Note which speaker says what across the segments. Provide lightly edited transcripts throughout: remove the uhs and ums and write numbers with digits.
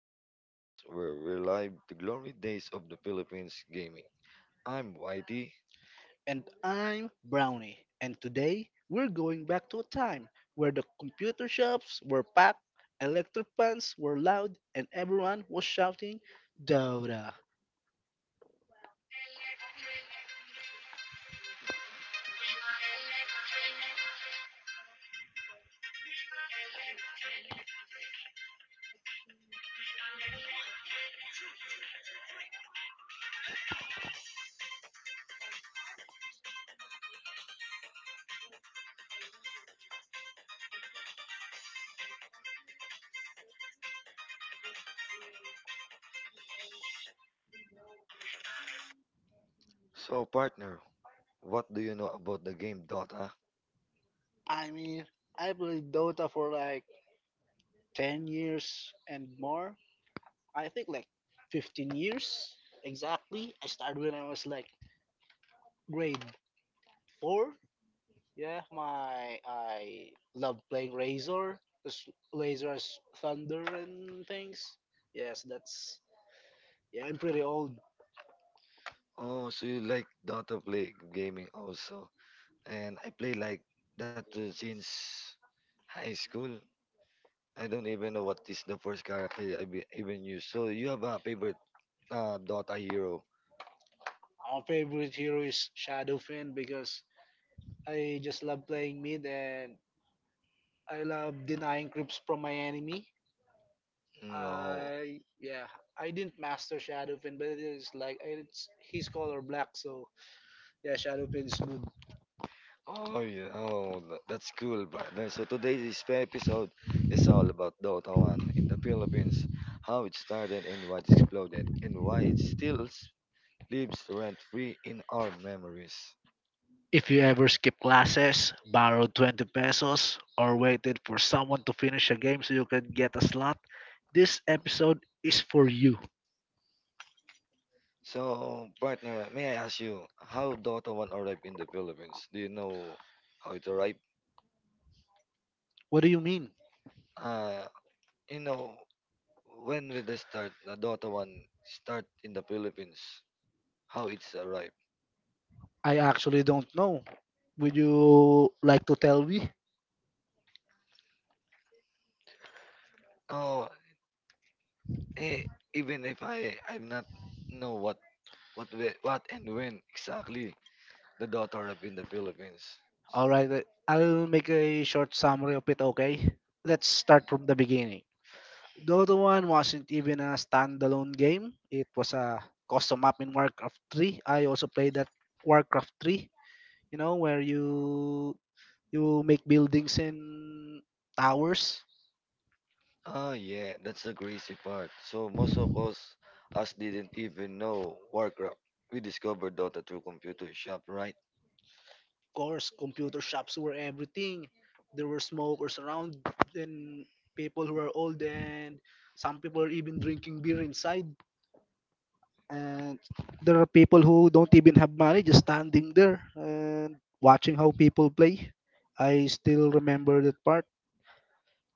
Speaker 1: to the podcast where we live the glory days of the Philippines gaming. I'm Whitey.
Speaker 2: And I'm Brownie, and today we're going back to a time where the computer shops were packed, electric fans were loud, and everyone was shouting Dota.
Speaker 1: So, partner, what do you know about the game Dota?
Speaker 2: I mean, I played Dota for like 10 years and more. I think like 15 years exactly. I started when I was like grade 4. Yeah, my I love playing Razor, 'cause Razor's thunder and things. Yes. that's Yeah, I'm pretty old.
Speaker 1: Oh, so you like Dota play gaming also. And I play like that too since high school. I don't even know what is the first character I be, even use. So, you have a favorite Dota hero?
Speaker 2: Our favorite hero is Shadow Fin because I just love playing mid and I love denying creeps from my enemy.
Speaker 1: No.
Speaker 2: I yeah, I didn't master Shadow Fin, but it is like it's his color black, so yeah, Shadow Fin is good.
Speaker 1: Oh yeah, oh that's cool, partner. So today's episode is all about Dota 1 in the Philippines, how it started and what exploded, and why it lives rent-free in our memories.
Speaker 2: If you ever skip classes, borrowed 20 pesos, or waited for someone to finish a game so you can get a slot, this episode is for you.
Speaker 1: So, partner, may I ask you how Dota 1 arrived in the Philippines? Do you know how it arrived?
Speaker 2: What do you mean?
Speaker 1: Uh, you know, when did they start the Dota 1 start in the Philippines? How it's arrived?
Speaker 2: I actually don't know. Would you like to tell me?
Speaker 1: Oh, Eh, even if I'm not know what what and when exactly the data arrived in the Philippines.
Speaker 2: All right, I'll make a short summary of it, okay? Let's start from the beginning. Dota 1 wasn't even a standalone game. It was a custom map in Warcraft 3. I also played that Warcraft 3, you know, where you make buildings and towers.
Speaker 1: Ah, yeah, that's the crazy part. So most of us didn't even know Warcraft. We discovered Dota through computer shop, right?
Speaker 2: Course, computer shops were everything. There were smokers around and people who are old and some people are even drinking beer inside. And there are people who don't even have money, just standing there and watching how people play. I still remember that part.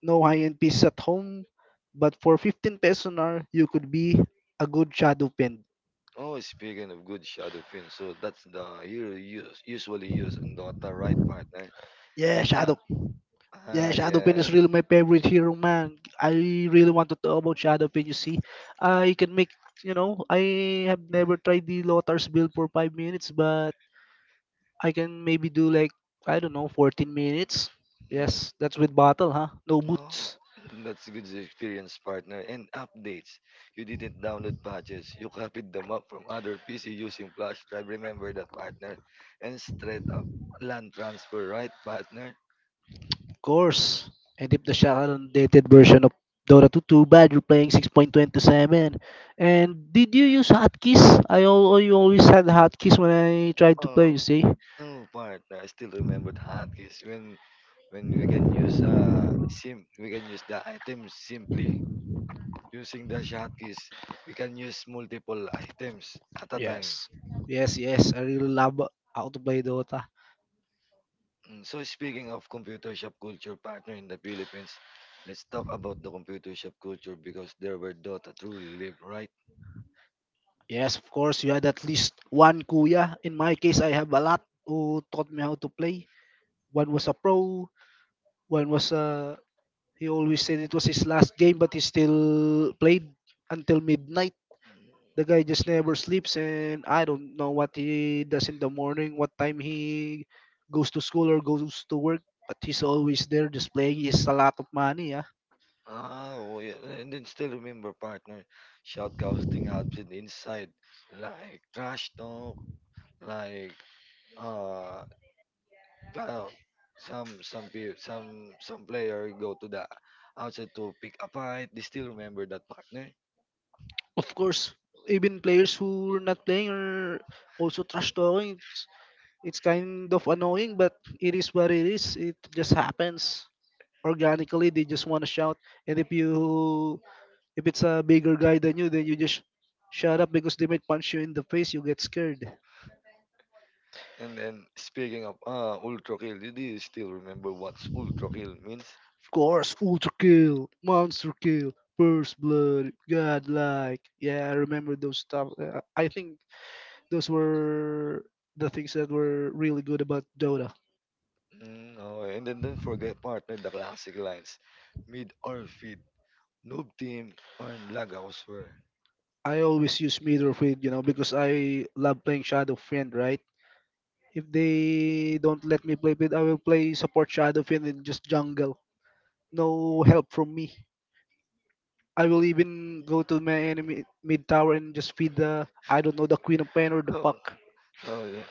Speaker 2: No high-end pieces at home, but for 15 pesos an hour, you could be a good shadow pen.
Speaker 1: Oh, speaking of good shadow fin, so that's the hero use usually used in Dota, right, partner?
Speaker 2: Yeah,
Speaker 1: And
Speaker 2: shadow Yeah,
Speaker 1: ah,
Speaker 2: Shadowpin is
Speaker 1: yes.
Speaker 2: really my favorite hero, man. I really want to talk about Shadowpin. You see, I can make you know I have never tried the Lotar's build for 5 minutes, but I can maybe do like, I don't know, 14 minutes.
Speaker 1: Hmm.
Speaker 2: Yes, that's with battle, huh? No
Speaker 1: Oh,
Speaker 2: boots,
Speaker 1: that's a good experience, partner. And updates. You didn't download patches. You copied the map from other PC using flash drive. Remember that, partner. And straight up land transfer, right, partner?
Speaker 2: of course. And if the Shadowpin dated version of Dota 2, too bad you're playing 6.27. And did you use hotkeys? I always had hotkeys when I tried to
Speaker 1: Oh,
Speaker 2: play. You see.
Speaker 1: no, partner. I still remember the hotkeys when we can use sim we can use the items simply using the shotkeys. We can use multiple items at a time.
Speaker 2: Yes. Yes, yes. I really love how to play Dota.
Speaker 1: Mm, so speaking of computer shop culture partner in the Philippines, let's talk about the computer shop culture because there where Dota truly lived, right?
Speaker 2: Yes, of course, you had at least one kuya. In my case, I have a lot who taught me how to play. One was a pro, one was a. He always said it was his last game, but he still played until midnight.
Speaker 1: Mm.
Speaker 2: The guy just never sleeps, and I don't know what he does in the morning, what time he goes to school or goes to work, but he's always there just playing. He's a lot of money. Yeah.
Speaker 1: Ah, oh yeah, and then still remember partner shoutcasting happened inside, like trash talk, like uh, well, some peo- some player go to the outside to pick a fight. They still remember that partner.
Speaker 2: Of course, even players who are not playing are also trash talking. It's kind of annoying, but it is what it is. It just happens organically. They just want to shout, and if it's a bigger guy than you, then you just shut up because they might punch you in the face. You get scared.
Speaker 1: And then speaking of ultra kill, do you still remember what's ultra kill means?
Speaker 2: Of course, Ultra Kill, Monster Kill, First Blood, Godlike. Yeah, I remember those stuff. I think those were the things that were really good about Dota.
Speaker 1: Mm, okay. And then don't forget partner the classic lines. Mid or feed, noob team, or lag ako swear.
Speaker 2: I always use meter of Field, you know, because I love playing Shadow Fiend, right? If they don't let me play mid, I will play support Shadow Fiend and just jungle. No help from me. I will even go to my enemy mid tower and just feed the, I don't know, the Queen of Pain or the
Speaker 1: Oh,
Speaker 2: Puck.
Speaker 1: oh yeah.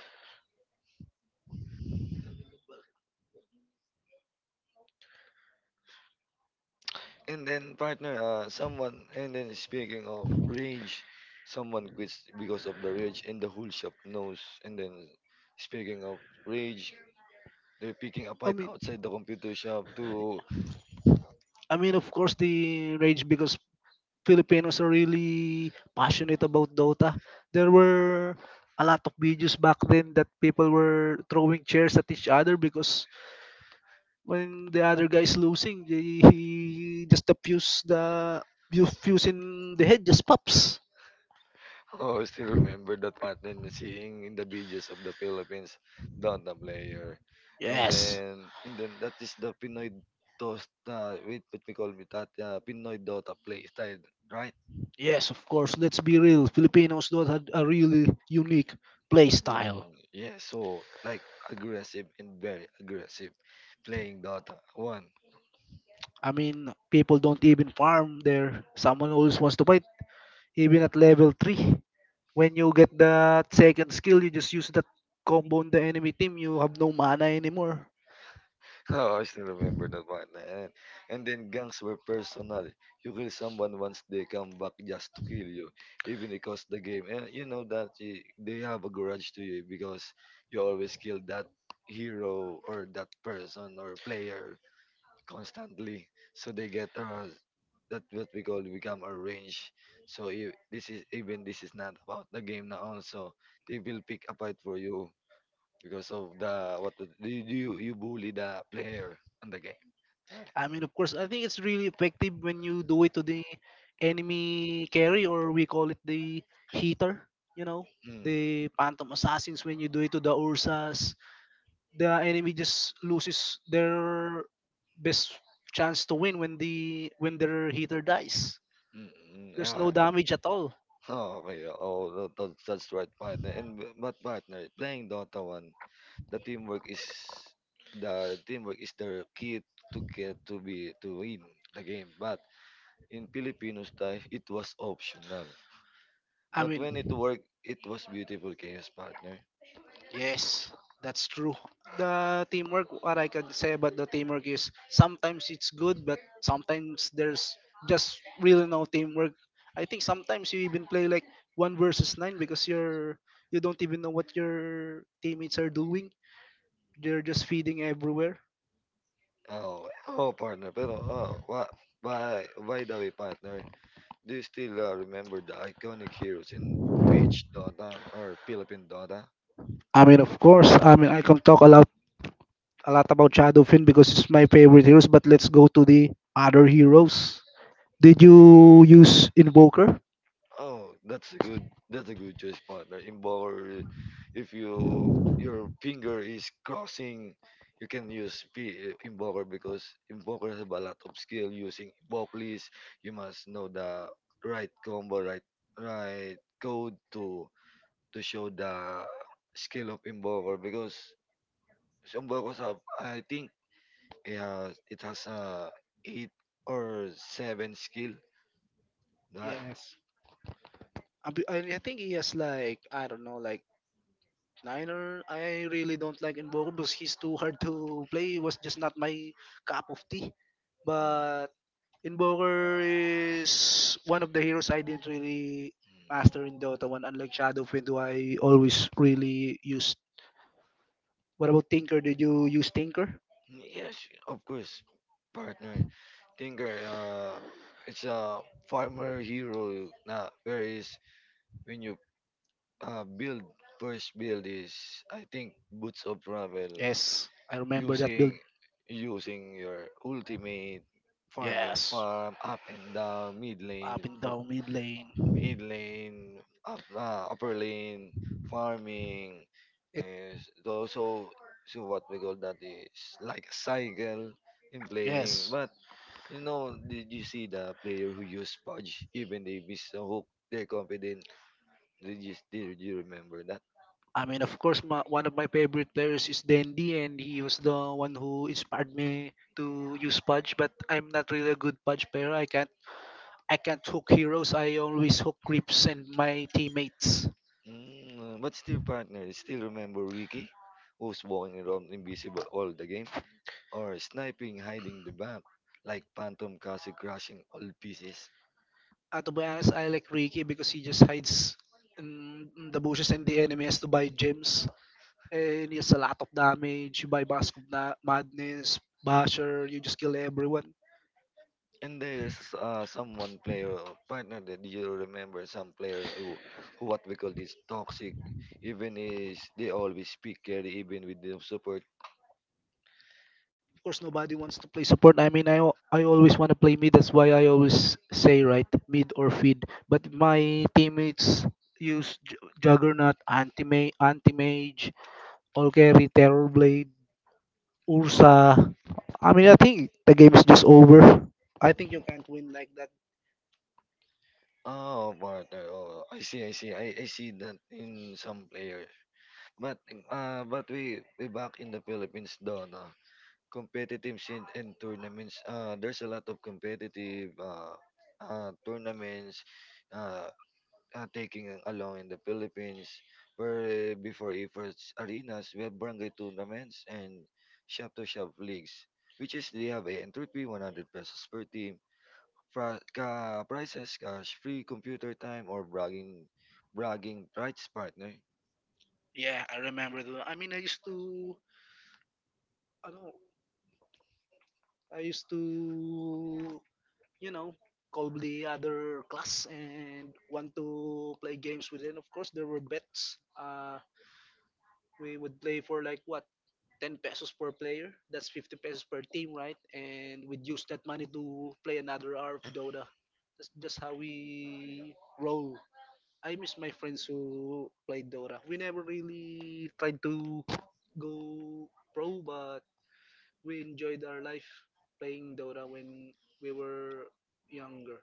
Speaker 1: And then partner, and then speaking of rage, someone quits because of the rage and the whole shop knows. And then speaking of rage, they're picking a
Speaker 2: I
Speaker 1: fight
Speaker 2: mean,
Speaker 1: outside the computer shop to
Speaker 2: I mean, of course, the rage because Filipinos are really passionate about Dota. There were a lot of videos back then that people were throwing chairs at each other because when the other guy is losing, he just the fuse the you fuse in the head just pops.
Speaker 1: oh, I still remember that pattern and seeing in the videos of the Philippines Dota player. And
Speaker 2: Yes,
Speaker 1: then and then that is the Pinoy Dota wait what we call it that Pinoy Dota play style, right?
Speaker 2: yes, of course. Let's be real. Filipinos don't have a really unique play style.
Speaker 1: Mm, yeah, so like aggressive and very aggressive playing Dota one.
Speaker 2: I mean, people don't even farm there. Someone always wants to fight, even at level three. When you get the second skill, you just use that combo on the enemy team. You have no mana anymore.
Speaker 1: Oh, I still remember that one. And then gangs were personal. You kill someone once they come back just to kill you, even it costs the game. And you know that they have a grudge to you because you always kill that hero or that person or player constantly. So they get that what we call become a range. So you, this is even this is not about the game now. Also, they will pick a fight for you because of the what do you bully the player in the game, right?
Speaker 2: I mean, of course, I think it's really effective when you do it to the enemy carry, or we call it the heater. You know,
Speaker 1: Mm,
Speaker 2: the Phantom Assassins. When you do it to the Ursas, the enemy just loses their best chance to win when their heater dies.
Speaker 1: mm,
Speaker 2: There's
Speaker 1: yeah.
Speaker 2: no damage at all.
Speaker 1: Oh my god! Oh, that's right, partner. And but partner, playing Dota one, the teamwork is the teamwork is the key to get to be to win the game. But in Filipino style, it was optional.
Speaker 2: I
Speaker 1: But
Speaker 2: mean,
Speaker 1: when it worked, it was beautiful chaos, partner.
Speaker 2: yes, that's true. The teamwork, what I can say about the teamwork is sometimes it's good, but sometimes there's just really no teamwork. I think sometimes you even play like one versus nine because you don't even know what your teammates are doing. They're just feeding everywhere.
Speaker 1: Oh, oh, partner. Pero oh, what? By the way, partner. Do you still remember the iconic heroes in Peach Dota or Philippine Dota?
Speaker 2: I mean, of course, I mean I can talk a lot about Shadowfin because it's my favorite heroes. But let's go to the other heroes. Did you use Invoker?
Speaker 1: Oh, that's a good choice, partner. In if you your finger is crossing, you can use P, invoker because invoker have a lot of skill using invoke list. You must know the right combo, right code to show the skill of invoker because some invokers have I think yeah, it has a eight or seven skill. That
Speaker 2: Yes. I, be- I think he has like, I don't know, like Niner. I really don't like Mboko because he's too hard to play. He was just not my cup of tea.
Speaker 1: mm, mm,
Speaker 2: But Invoker is one of the heroes I didn't really master in Dota 1, unlike Shadow Fiend, who I always really used. What about Tinker? Did you use Tinker?
Speaker 1: yes, of course, partner. Tinker, it's a farmer hero. Na whereas when you build first build is I think boots of travel
Speaker 2: Yes, I remember that build.
Speaker 1: using using your ultimate farm and
Speaker 2: Yes.
Speaker 1: farm up and down mid
Speaker 2: Up
Speaker 1: lane
Speaker 2: and
Speaker 1: for
Speaker 2: down mid
Speaker 1: mid
Speaker 2: lane.
Speaker 1: lane, upper lane, farming,
Speaker 2: It
Speaker 1: and those so so what we call that is like a cycle in playing.
Speaker 2: yes.
Speaker 1: But you know, did you see the player who used Pudge? Even they miss a hook, they're confident. Did you remember that?
Speaker 2: I mean, of course, one of my favorite players is Dandy, and he was the one who inspired me to use Pudge. But I'm not really a good Pudge player. I can't hook heroes. I always hook creeps and my teammates.
Speaker 1: Mm, but still, partner, still remember Ricky, who's walking around invisible all the game, or sniping, hiding the map, like Phantom Castle crashing all pieces.
Speaker 2: To be honest, I like Ricky because he just hides in the bushes, and the enemy has to buy gems. And it's a lot of damage. You buy Mask of Madness, Basher, you just kill everyone.
Speaker 1: And there's someone player or partner that you remember some player who what we call this toxic, even is they always speak carry even with the support.
Speaker 2: Of course, nobody wants to play support. I mean, I always want to play mid. That's why I always say, right, mid or feed. But my teammates use Juggernaut, Anti-Mage, All Carry, Terror Blade,
Speaker 1: Oh,
Speaker 2: Ursa. I mean, I think the game is just over. I think you can't win like
Speaker 1: mm.
Speaker 2: that.
Speaker 1: Oh partner. I see that in some players. But but we back in the Philippines though, no? Competitive scene and tournaments. There's a lot of competitive tournaments. Uh, taking along in the Philippines, where eh, before efforts arenas, we have barangay tournaments and shop-to-shop leagues, which is they have a entry fee, 100 pesos per team, ka prices, cash, free computer time, or bragging rights partner.
Speaker 2: Yeah, I remember. I mean, I used to... I don't know. I used to, you know call the other class and want to play games with them. Of course, there were bets. We would play for like, what, 10 pesos per player. That's 50 pesos per team, right? And we'd use that money to play another hour of Dota. That's just how we roll. I miss my friends who played Dota. We never really tried to go pro, but we enjoyed our life playing Dota when we were younger.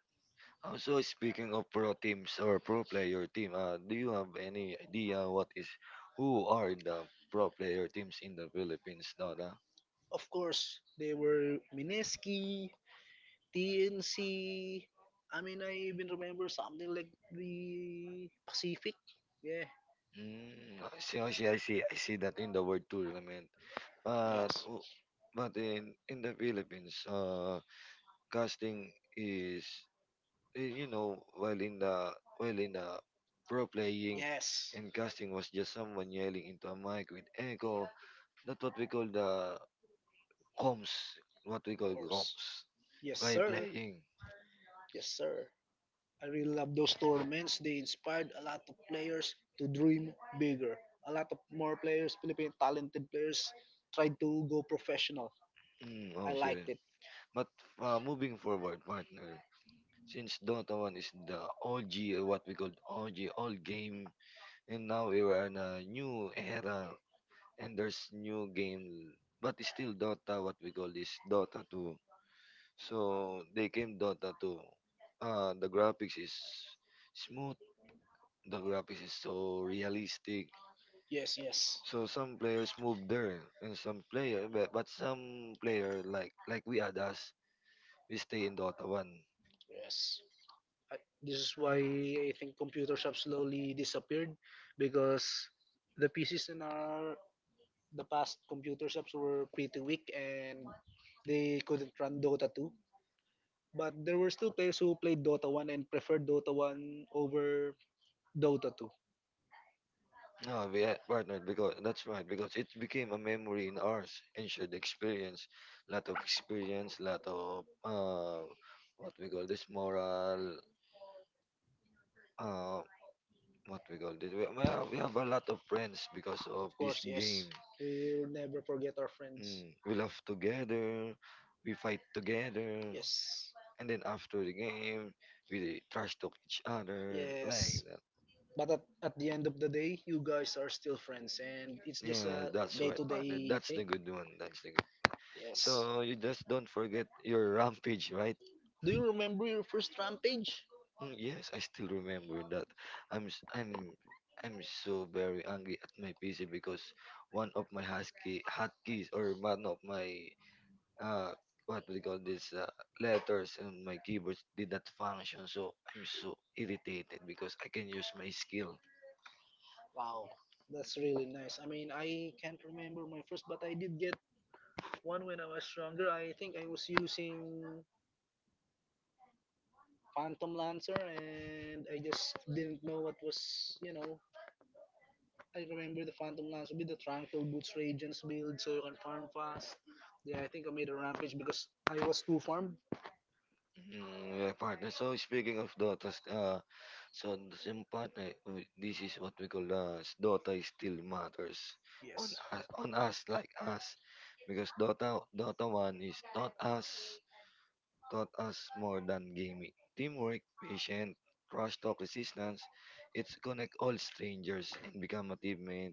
Speaker 1: Also, speaking of pro teams or pro player team, do you have any idea what is, who are the pro player teams in the Philippines, Dada?
Speaker 2: Of course, they were Mineski, TNC. I mean, I even remember something like the Pacific. Yeah.
Speaker 1: I see that in the word tournament. But
Speaker 2: Yes.
Speaker 1: o but in the Philippines, casting is you know while in the pro playing
Speaker 2: Yes.
Speaker 1: and casting was just someone yelling into a mic with echo. That's what we call the comms. What we
Speaker 2: Of
Speaker 1: call
Speaker 2: course.
Speaker 1: comms
Speaker 2: Yes,
Speaker 1: while
Speaker 2: sir.
Speaker 1: playing.
Speaker 2: Yes, sir. I really love those tournaments. They inspired a lot of players to dream bigger. A lot of more players, Philippine talented players, tried to go professional.
Speaker 1: Mm, oh,
Speaker 2: I
Speaker 1: sure.
Speaker 2: liked it.
Speaker 1: But moving forward, partner, since Dota one is the OG, what we call OG, old game, and now we are in a new era and there's new game but it's still Dota what we call this Dota 2. So they came Dota 2, the graphics is smooth, the graphics is so realistic.
Speaker 2: Yes, yes,
Speaker 1: So some players move there and some player, but some player we others we stay in Dota 1.
Speaker 2: yes. This is why I think computers have slowly disappeared because the PCs in our the past computer shops were pretty weak and they couldn't run Dota 2. But there were still players who played Dota 1 and preferred Dota 1 over Dota 2.
Speaker 1: No, we had partnered because that's right, because it became a memory in ours and shared experience. Lot of experience, lot of what we call this moral, uh, what we call this. We have a lot of friends because
Speaker 2: Of
Speaker 1: of this
Speaker 2: course, yes.
Speaker 1: game.
Speaker 2: We will never forget our friends.
Speaker 1: Mm. We laugh together, we fight together,
Speaker 2: Yes.
Speaker 1: and then after the game, we trash talk each other like
Speaker 2: Yes.
Speaker 1: that.
Speaker 2: But at the end of the day, you guys are still friends and it's just
Speaker 1: Yeah,
Speaker 2: a
Speaker 1: that's right, partner.
Speaker 2: day-to-day
Speaker 1: That's the
Speaker 2: thing.
Speaker 1: good one. That's the good.
Speaker 2: Yes.
Speaker 1: So you just don't forget your rampage, right?
Speaker 2: Do you remember your first rampage?
Speaker 1: Mm, yes, I still remember that. I'm s- I'm so very angry at my PC because one of my husky hotkeys or one of my uh what do you call this letters on my keyboard did not function. So I'm so irritated because I can use my skill
Speaker 2: Wow, that's really nice. I mean, I can't remember my first, but I did get one when I was younger. I think I was using Phantom Lancer, and I just didn't know what was. I remember the Phantom Lancer with the Tranquil Boots Regents build so you can farm fast. Yeah, I think I made a rampage because I was too farm.
Speaker 1: mm, yeah, partner. So speaking of Dota, s- so this partner, this is what we call Dota is still matters
Speaker 2: Yes,
Speaker 1: on us like us, because Dota one is taught us more than gaming. Teamwork, patient, trash talk, resistance. It's connect all strangers and become a teammate.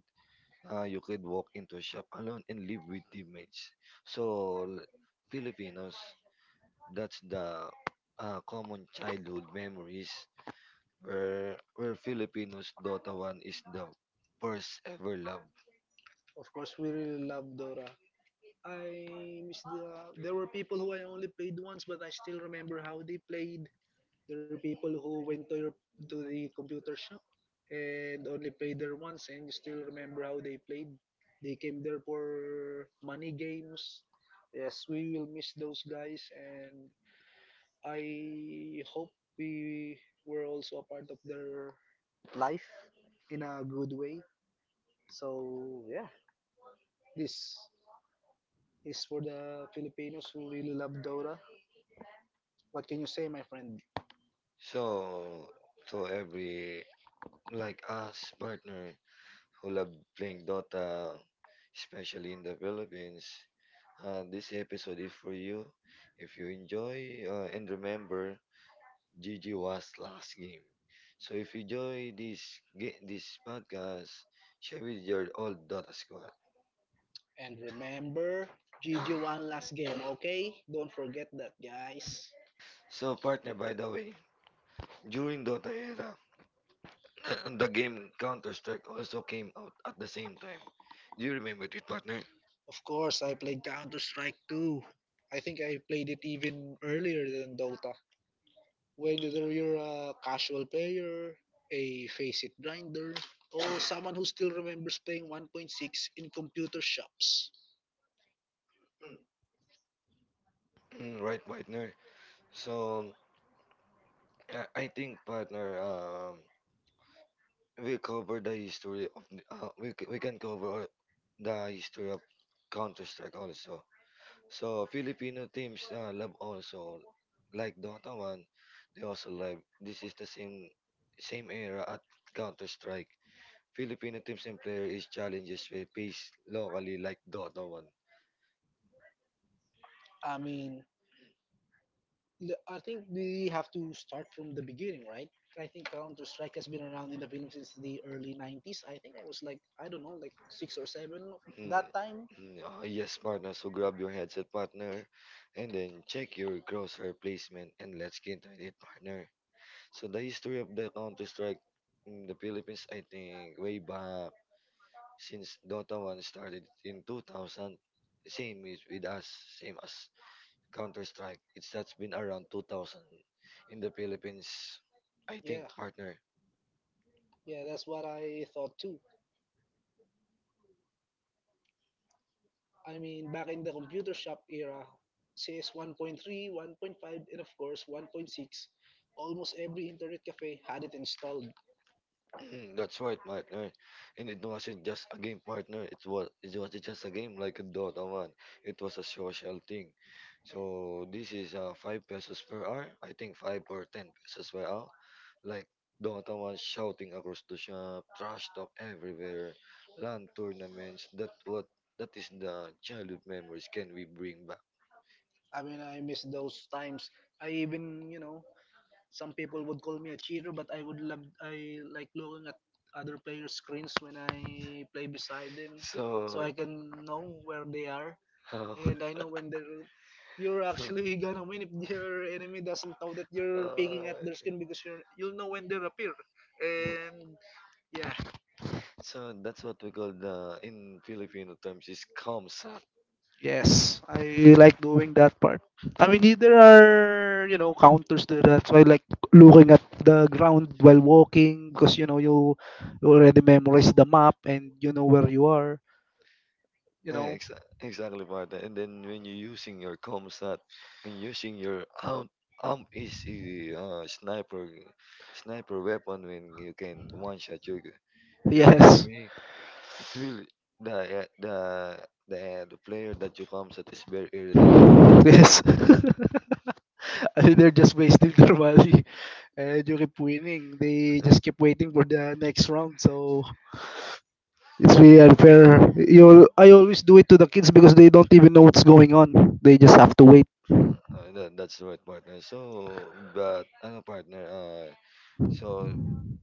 Speaker 1: You could walk into a shop alone and live with teammates. So l- Filipinos. That's the common childhood memories where Filipinos Dota 1 is the first ever love.
Speaker 2: of course we really love Dora. I miss the. There were people who I only played once, but I still remember how they played. There were people who went to the computer shop and only played there once, and you still remember how they played. They came there for money games. Yes, we will miss those guys, and I hope we were also a part of their life in a good way. So yeah, this is for the Filipinos who really love Dota. What can you say, my friend?
Speaker 1: So so every like us partner who love playing Dota, especially in the Philippines. This episode is for you. If you enjoy and remember, GG was last game. So if you enjoy this podcast, share with your old Dota squad.
Speaker 2: And remember, GG one last game, okay? Don't forget that, guys.
Speaker 1: So, partner, by the way, during Dota era, the game Counter Strike also came out at the same time. Do you remember it, partner?
Speaker 2: Of course, I played Counter Strike too. I think I played it even earlier than Dota. Whether you're a casual player, a face it grinder, or someone who still remembers playing 1.6 in computer shops.
Speaker 1: Mm, right, partner. So, I think, partner, we we can cover the history of Counter Strike also. So, Filipino teams love also like Dota one. They also love. This is the same same era at Counter Strike. Filipino teams and player is challenges we face locally like Dota 1.
Speaker 2: I mean, I think we have to start from the beginning, right? I think Counter Strike has been around in the Philippines since the early 90s. I think I was like, I don't know, like six or seven
Speaker 1: Mm.
Speaker 2: that time.
Speaker 1: Mm, ah, yes, partner. So grab your headset, partner, and then check your crosshair placement and let's get into it, partner. So the history of the Counter Strike in the Philippines, I think, way back since Dota 1 started in 2000. Same is with us, same as Counter Strike. It's that's been around 2000 in the Philippines, I
Speaker 2: Yeah,
Speaker 1: think, partner.
Speaker 2: yeah, that's what I thought too. I mean, back in the computer shop era, CS 1.3, 1.5, and of course 1.6, almost every internet cafe had it installed.
Speaker 1: Mm, that's right, partner. And it wasn't just a game, partner. It was just a game like a Dota one. It was a social thing. So this is five pesos per hour. I think five or ten pesos per hour. Like Dota one, shouting across the shop, trash talk everywhere, LAN tournaments. That is the childhood memories can we bring back.
Speaker 2: I mean, I miss those times. I even, you know, Some people would call me a cheater, but I would love I like looking at other players' screens when I play beside them, so
Speaker 1: So.
Speaker 2: I can know where they are
Speaker 1: Oh.
Speaker 2: and I know when they're. You're
Speaker 1: So,
Speaker 2: actually gonna win if your enemy doesn't know that you're peeking at
Speaker 1: uh,
Speaker 2: their screen because you'll know when they appear,
Speaker 1: no.
Speaker 2: and yeah.
Speaker 1: So that's what we call, the in Filipino terms, is comsat.
Speaker 2: Yes, I like doing that part. I mean, there are, you know, counters to that, so I like looking at the ground while walking because you know you already memorize the map and you know where you are. You
Speaker 1: Yeah,
Speaker 2: know,
Speaker 1: exactly, Martha. And then when you're using your comsat and using your is a uh, sniper sniper weapon, when you can one shot your
Speaker 2: yes,
Speaker 1: enemy. It will the uh, the the the player that you comsat is very irritated.
Speaker 2: yes. I mean, they're just wasting their money and you keep winning. They just keep waiting for the next round, so it's really unfair. You, I always do it to the kids because they don't even know what's going on. They just have to wait.
Speaker 1: That's the right, partner. So, but ano, partner? So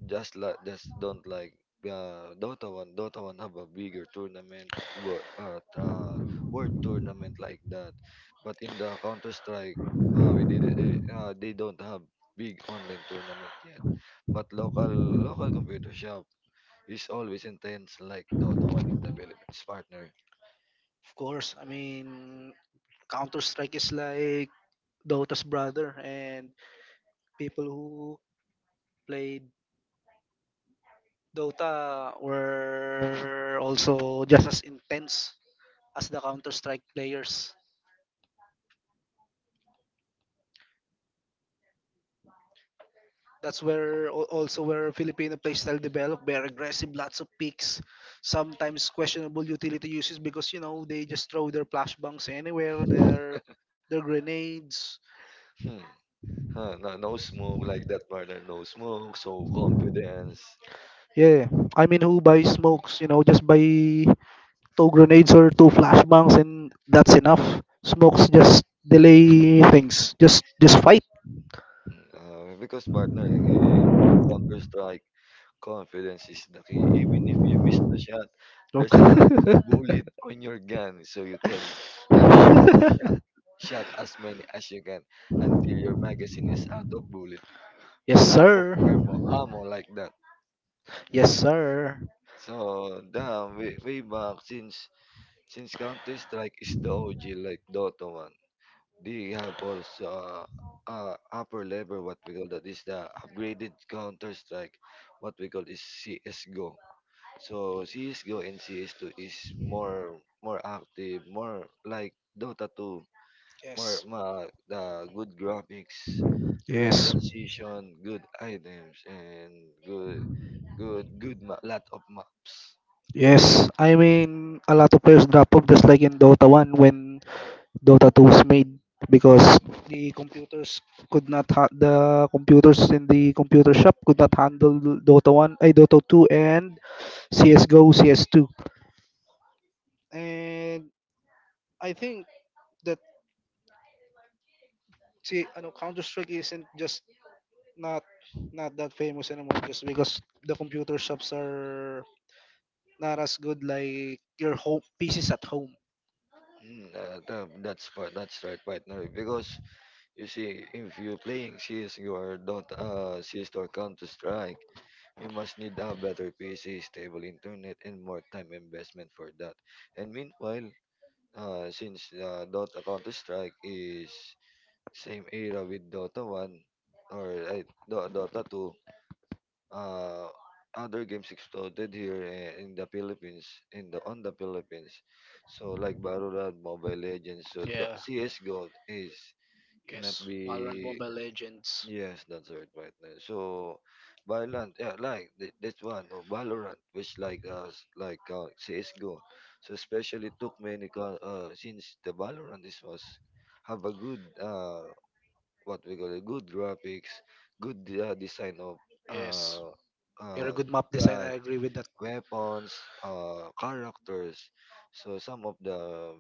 Speaker 1: just like, just don't like Dota one. Dota one have a bigger tournament, world tournament like that. But in the Counter Strike, we did it. They don't have big online tournament yet. But local computer shop is always intense like Dota one in the Philippines, partner.
Speaker 2: Of course, I mean Counter Strike is like Dota's brother, and people who played Dota were also just as intense as the Counter Strike players. That's also where Filipino playstyle developed. Very aggressive, lots of picks, sometimes questionable utility uses because you know they just throw their flashbangs anywhere, their grenades.
Speaker 1: Hmm. Huh, no, no smoke like that, partner, no smoke, so confidence.
Speaker 2: Yeah, I mean who buys smokes? You know, just by two grenades or two flashbangs and that's enough. Smokes just delay things. Just fight.
Speaker 1: Because partner, the Counter Strike, confidence is the key. Even if you miss the shot, there's a
Speaker 2: Okay.
Speaker 1: lot of bullet on your gun, so you can shot, shot as many as you can until your magazine is out of bullet,
Speaker 2: Yes,
Speaker 1: out of
Speaker 2: sir.
Speaker 1: ammo, ammo like that.
Speaker 2: Yes, sir.
Speaker 1: So, damn, way back since Counter Strike is the OG like Dota 1. They have also upper level, what we call that is the upgraded Counter Strike, what we call is CSGO. So CSGO and CS2 is more, more active, more like Dota 2,
Speaker 2: Yes.
Speaker 1: the good graphics, good
Speaker 2: Yes.
Speaker 1: transition, good items and good, lot of maps.
Speaker 2: Yes. I mean, a lot of players drop off just like in Dota 1 when Dota 2 was made because the computers the computers in the computer shop could not handle Dota 1, I Dota 2 and CS:GO, CS2. And I think that see, ano, Counter Strike isn't just not not that famous anymore just because the computer shops are not as good like your home pieces at home.
Speaker 1: That's part that's right partner, because you see, if you playing CS or Dota, CS or Counter Strike, you must need a better PC, stable internet, and more time investment for that. And meanwhile, since Dota Counter Strike is same era with Dota One or Dota Two, uh, other games exploded here in the Philippines, in the on the Philippines. So like Valorant, Mobile Legends, so the
Speaker 2: Yeah,
Speaker 1: CS:GO is cannot
Speaker 2: yes. Valorant,
Speaker 1: be.
Speaker 2: Mobile Legends.
Speaker 1: Yes, that's right, right now. So, Valorant, yeah, like this one, no, Valorant, which like us, like CS:GO. So especially took many, since the Valorant is was have a good, what we call it, good graphics, good design of
Speaker 2: Yes.
Speaker 1: uh,
Speaker 2: You're a
Speaker 1: uh,
Speaker 2: good map design. I
Speaker 1: guns,
Speaker 2: agree with that.
Speaker 1: weapons, characters. So some of the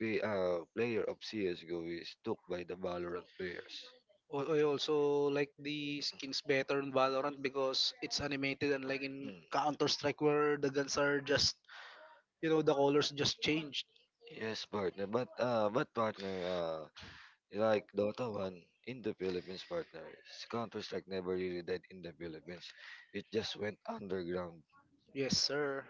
Speaker 1: player of CS:GO is took by the Valorant players.
Speaker 2: I also like the skins better in Valorant because it's animated, and like in
Speaker 1: Hmm.
Speaker 2: Counter Strike, where the guns are just, you know, the colors just changed.
Speaker 1: Yes, partner. But partner, like Dota 1 in the Philippines, partner. Counter Strike never really died in the Philippines. It just went underground.
Speaker 2: Yes, sir.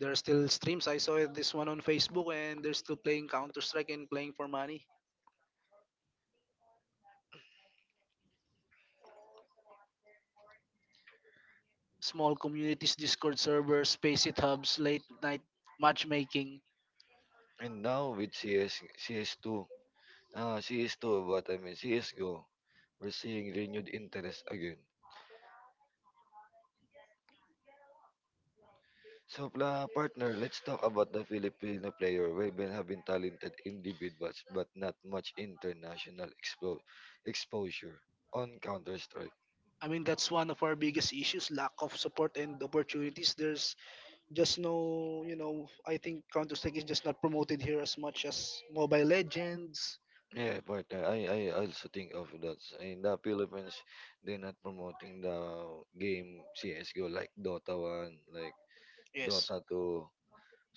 Speaker 2: There are still streams. I saw this one on Facebook, and they're still playing Counter Strike and playing for money. Small communities, Discord servers, space it hubs, late night matchmaking.
Speaker 1: And now with CS, CS2, CS2, what I mean, CS:GO, we're seeing renewed interest again. So, partner, let's talk about the Filipino player. We've been having talented individuals, but not much international exposure on Counter Strike.
Speaker 2: I mean, that's one of our biggest issues: lack of support and opportunities. There's Just no, you know, I think Counter Strike is just not promoted here as much as Mobile Legends.
Speaker 1: Yeah, partner. I also think of that in the Philippines, they're not promoting the game CS:GO like Dota 1, like
Speaker 2: Yes,
Speaker 1: Dota 2.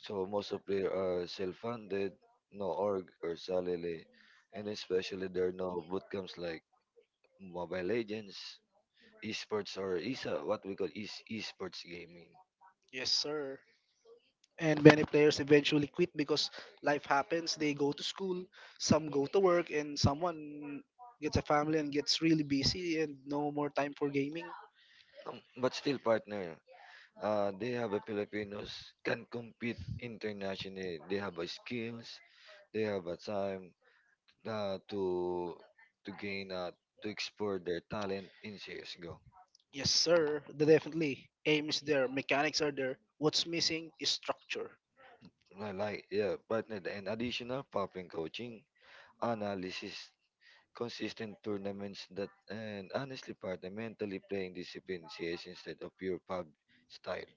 Speaker 1: So most of players are self-funded, no org or salary, and especially there are no bootcamps like Mobile Legends, esports or ESA, what we call is esports gaming.
Speaker 2: yes, sir. And many players eventually quit because life happens. They go to school, some go to work, and someone gets a family and gets really busy and no more time for gaming.
Speaker 1: But still, partner, they have a Filipinos can compete internationally. They have a skills, they have a time uh, to to gain to explore their talent in CS:GO.
Speaker 2: Yes, sir. Definitely. Aim is there. Mechanics are there. What's missing is structure.
Speaker 1: I like, yeah, partnered and additional popping coaching, analysis, consistent tournaments, that and honestly partner mentally playing discipline CS instead of pure pub style.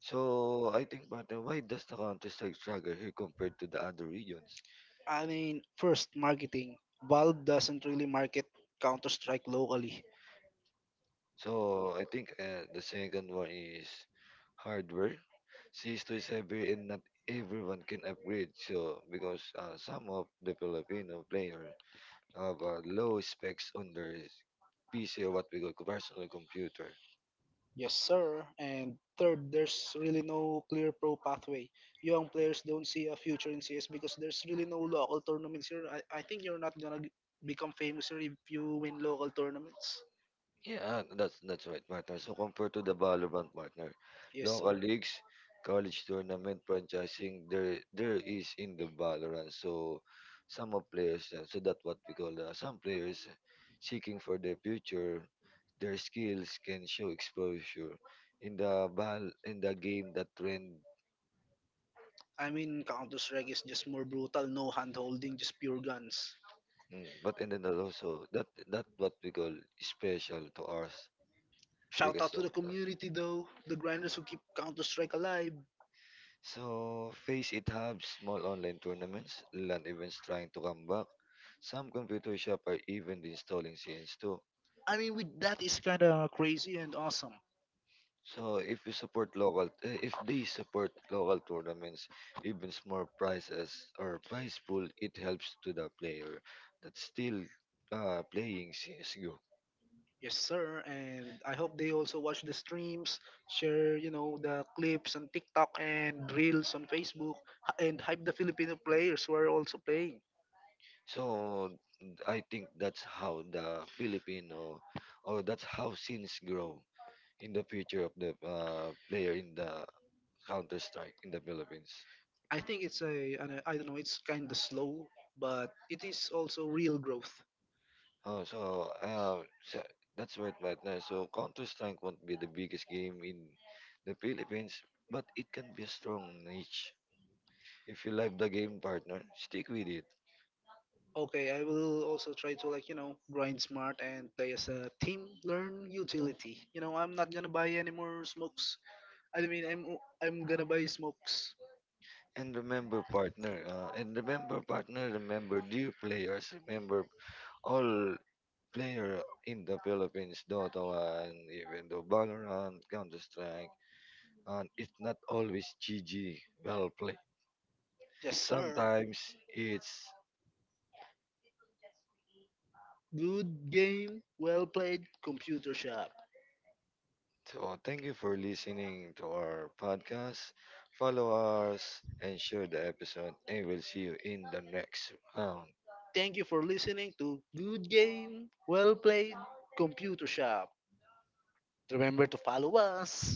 Speaker 1: So I think partner, why does the Counter Strike struggle here compared to the other regions?
Speaker 2: I mean, first, marketing. Valve doesn't really market Counter Strike locally.
Speaker 1: So I think the second one is hardware. Cisco is heavy and not everyone can upgrade. So because some of the Filipino player have low specs on their PC, or what we call personal computer.
Speaker 2: Yes, sir. And third, there's really no clear pro pathway. Young players don't see a future in CS because there's really no local tournaments here. I think you're not gonna become famous here if you win local tournaments.
Speaker 1: Yeah, ah, that's right, partner. So compared to the Valorant partner,
Speaker 2: Yes,
Speaker 1: local
Speaker 2: sir.
Speaker 1: leagues, college tournament, franchising, there is in the Valorant. So some of players, so that's what we call some players seeking for their future, their skills can show exposure in the game that trend.
Speaker 2: I mean, Counter Strike is just more brutal, no hand holding, just pure guns.
Speaker 1: Mm, but and then also that what we call special to us
Speaker 2: Shout out
Speaker 1: because
Speaker 2: to
Speaker 1: of
Speaker 2: the
Speaker 1: that.
Speaker 2: community though, the grinders who keep Counter Strike alive.
Speaker 1: So, face it have small online tournaments, land events trying to come back. Some computer shop are even installing CNs too.
Speaker 2: I mean, with that is kind of crazy and awesome.
Speaker 1: So, if you support local, if they support local tournaments, even small prizes or prize pool, it helps to the player that's still playing CS:GO.
Speaker 2: Yes, sir. And I hope they also watch the streams, share, you know, the clips on TikTok and reels on Facebook, and hype the Filipino players who are also playing.
Speaker 1: So, I think that's how the Filipino, or that's how scenes grow in the future of the player in the Counter Strike in the Philippines.
Speaker 2: I think it's I don't know, it's kind of slow, but it is also real growth.
Speaker 1: Oh, so so that's right right now. So Counter Strike won't be the biggest game in the Philippines, but it can be a strong niche. If you like the game, partner, stick with it.
Speaker 2: Okay, I will also try to, like, you know, grind smart and play as a team, learn utility. You know, I'm not gonna buy any more smokes. I mean, I'm gonna buy smokes.
Speaker 1: And remember, partner, remember, dear players, remember all player in the Philippines, Dota 1, even though Valorant, Counter Strike, and it's not always GG, well played.
Speaker 2: Yes, sir.
Speaker 1: Sometimes it's,
Speaker 2: Good game, well played, computer shop.
Speaker 1: so, thank you for listening to our podcast. Follow us and share the episode, and we'll see you in the next round.
Speaker 2: Thank you for listening to Good Game, Well Played, Computer Shop. Remember to follow us.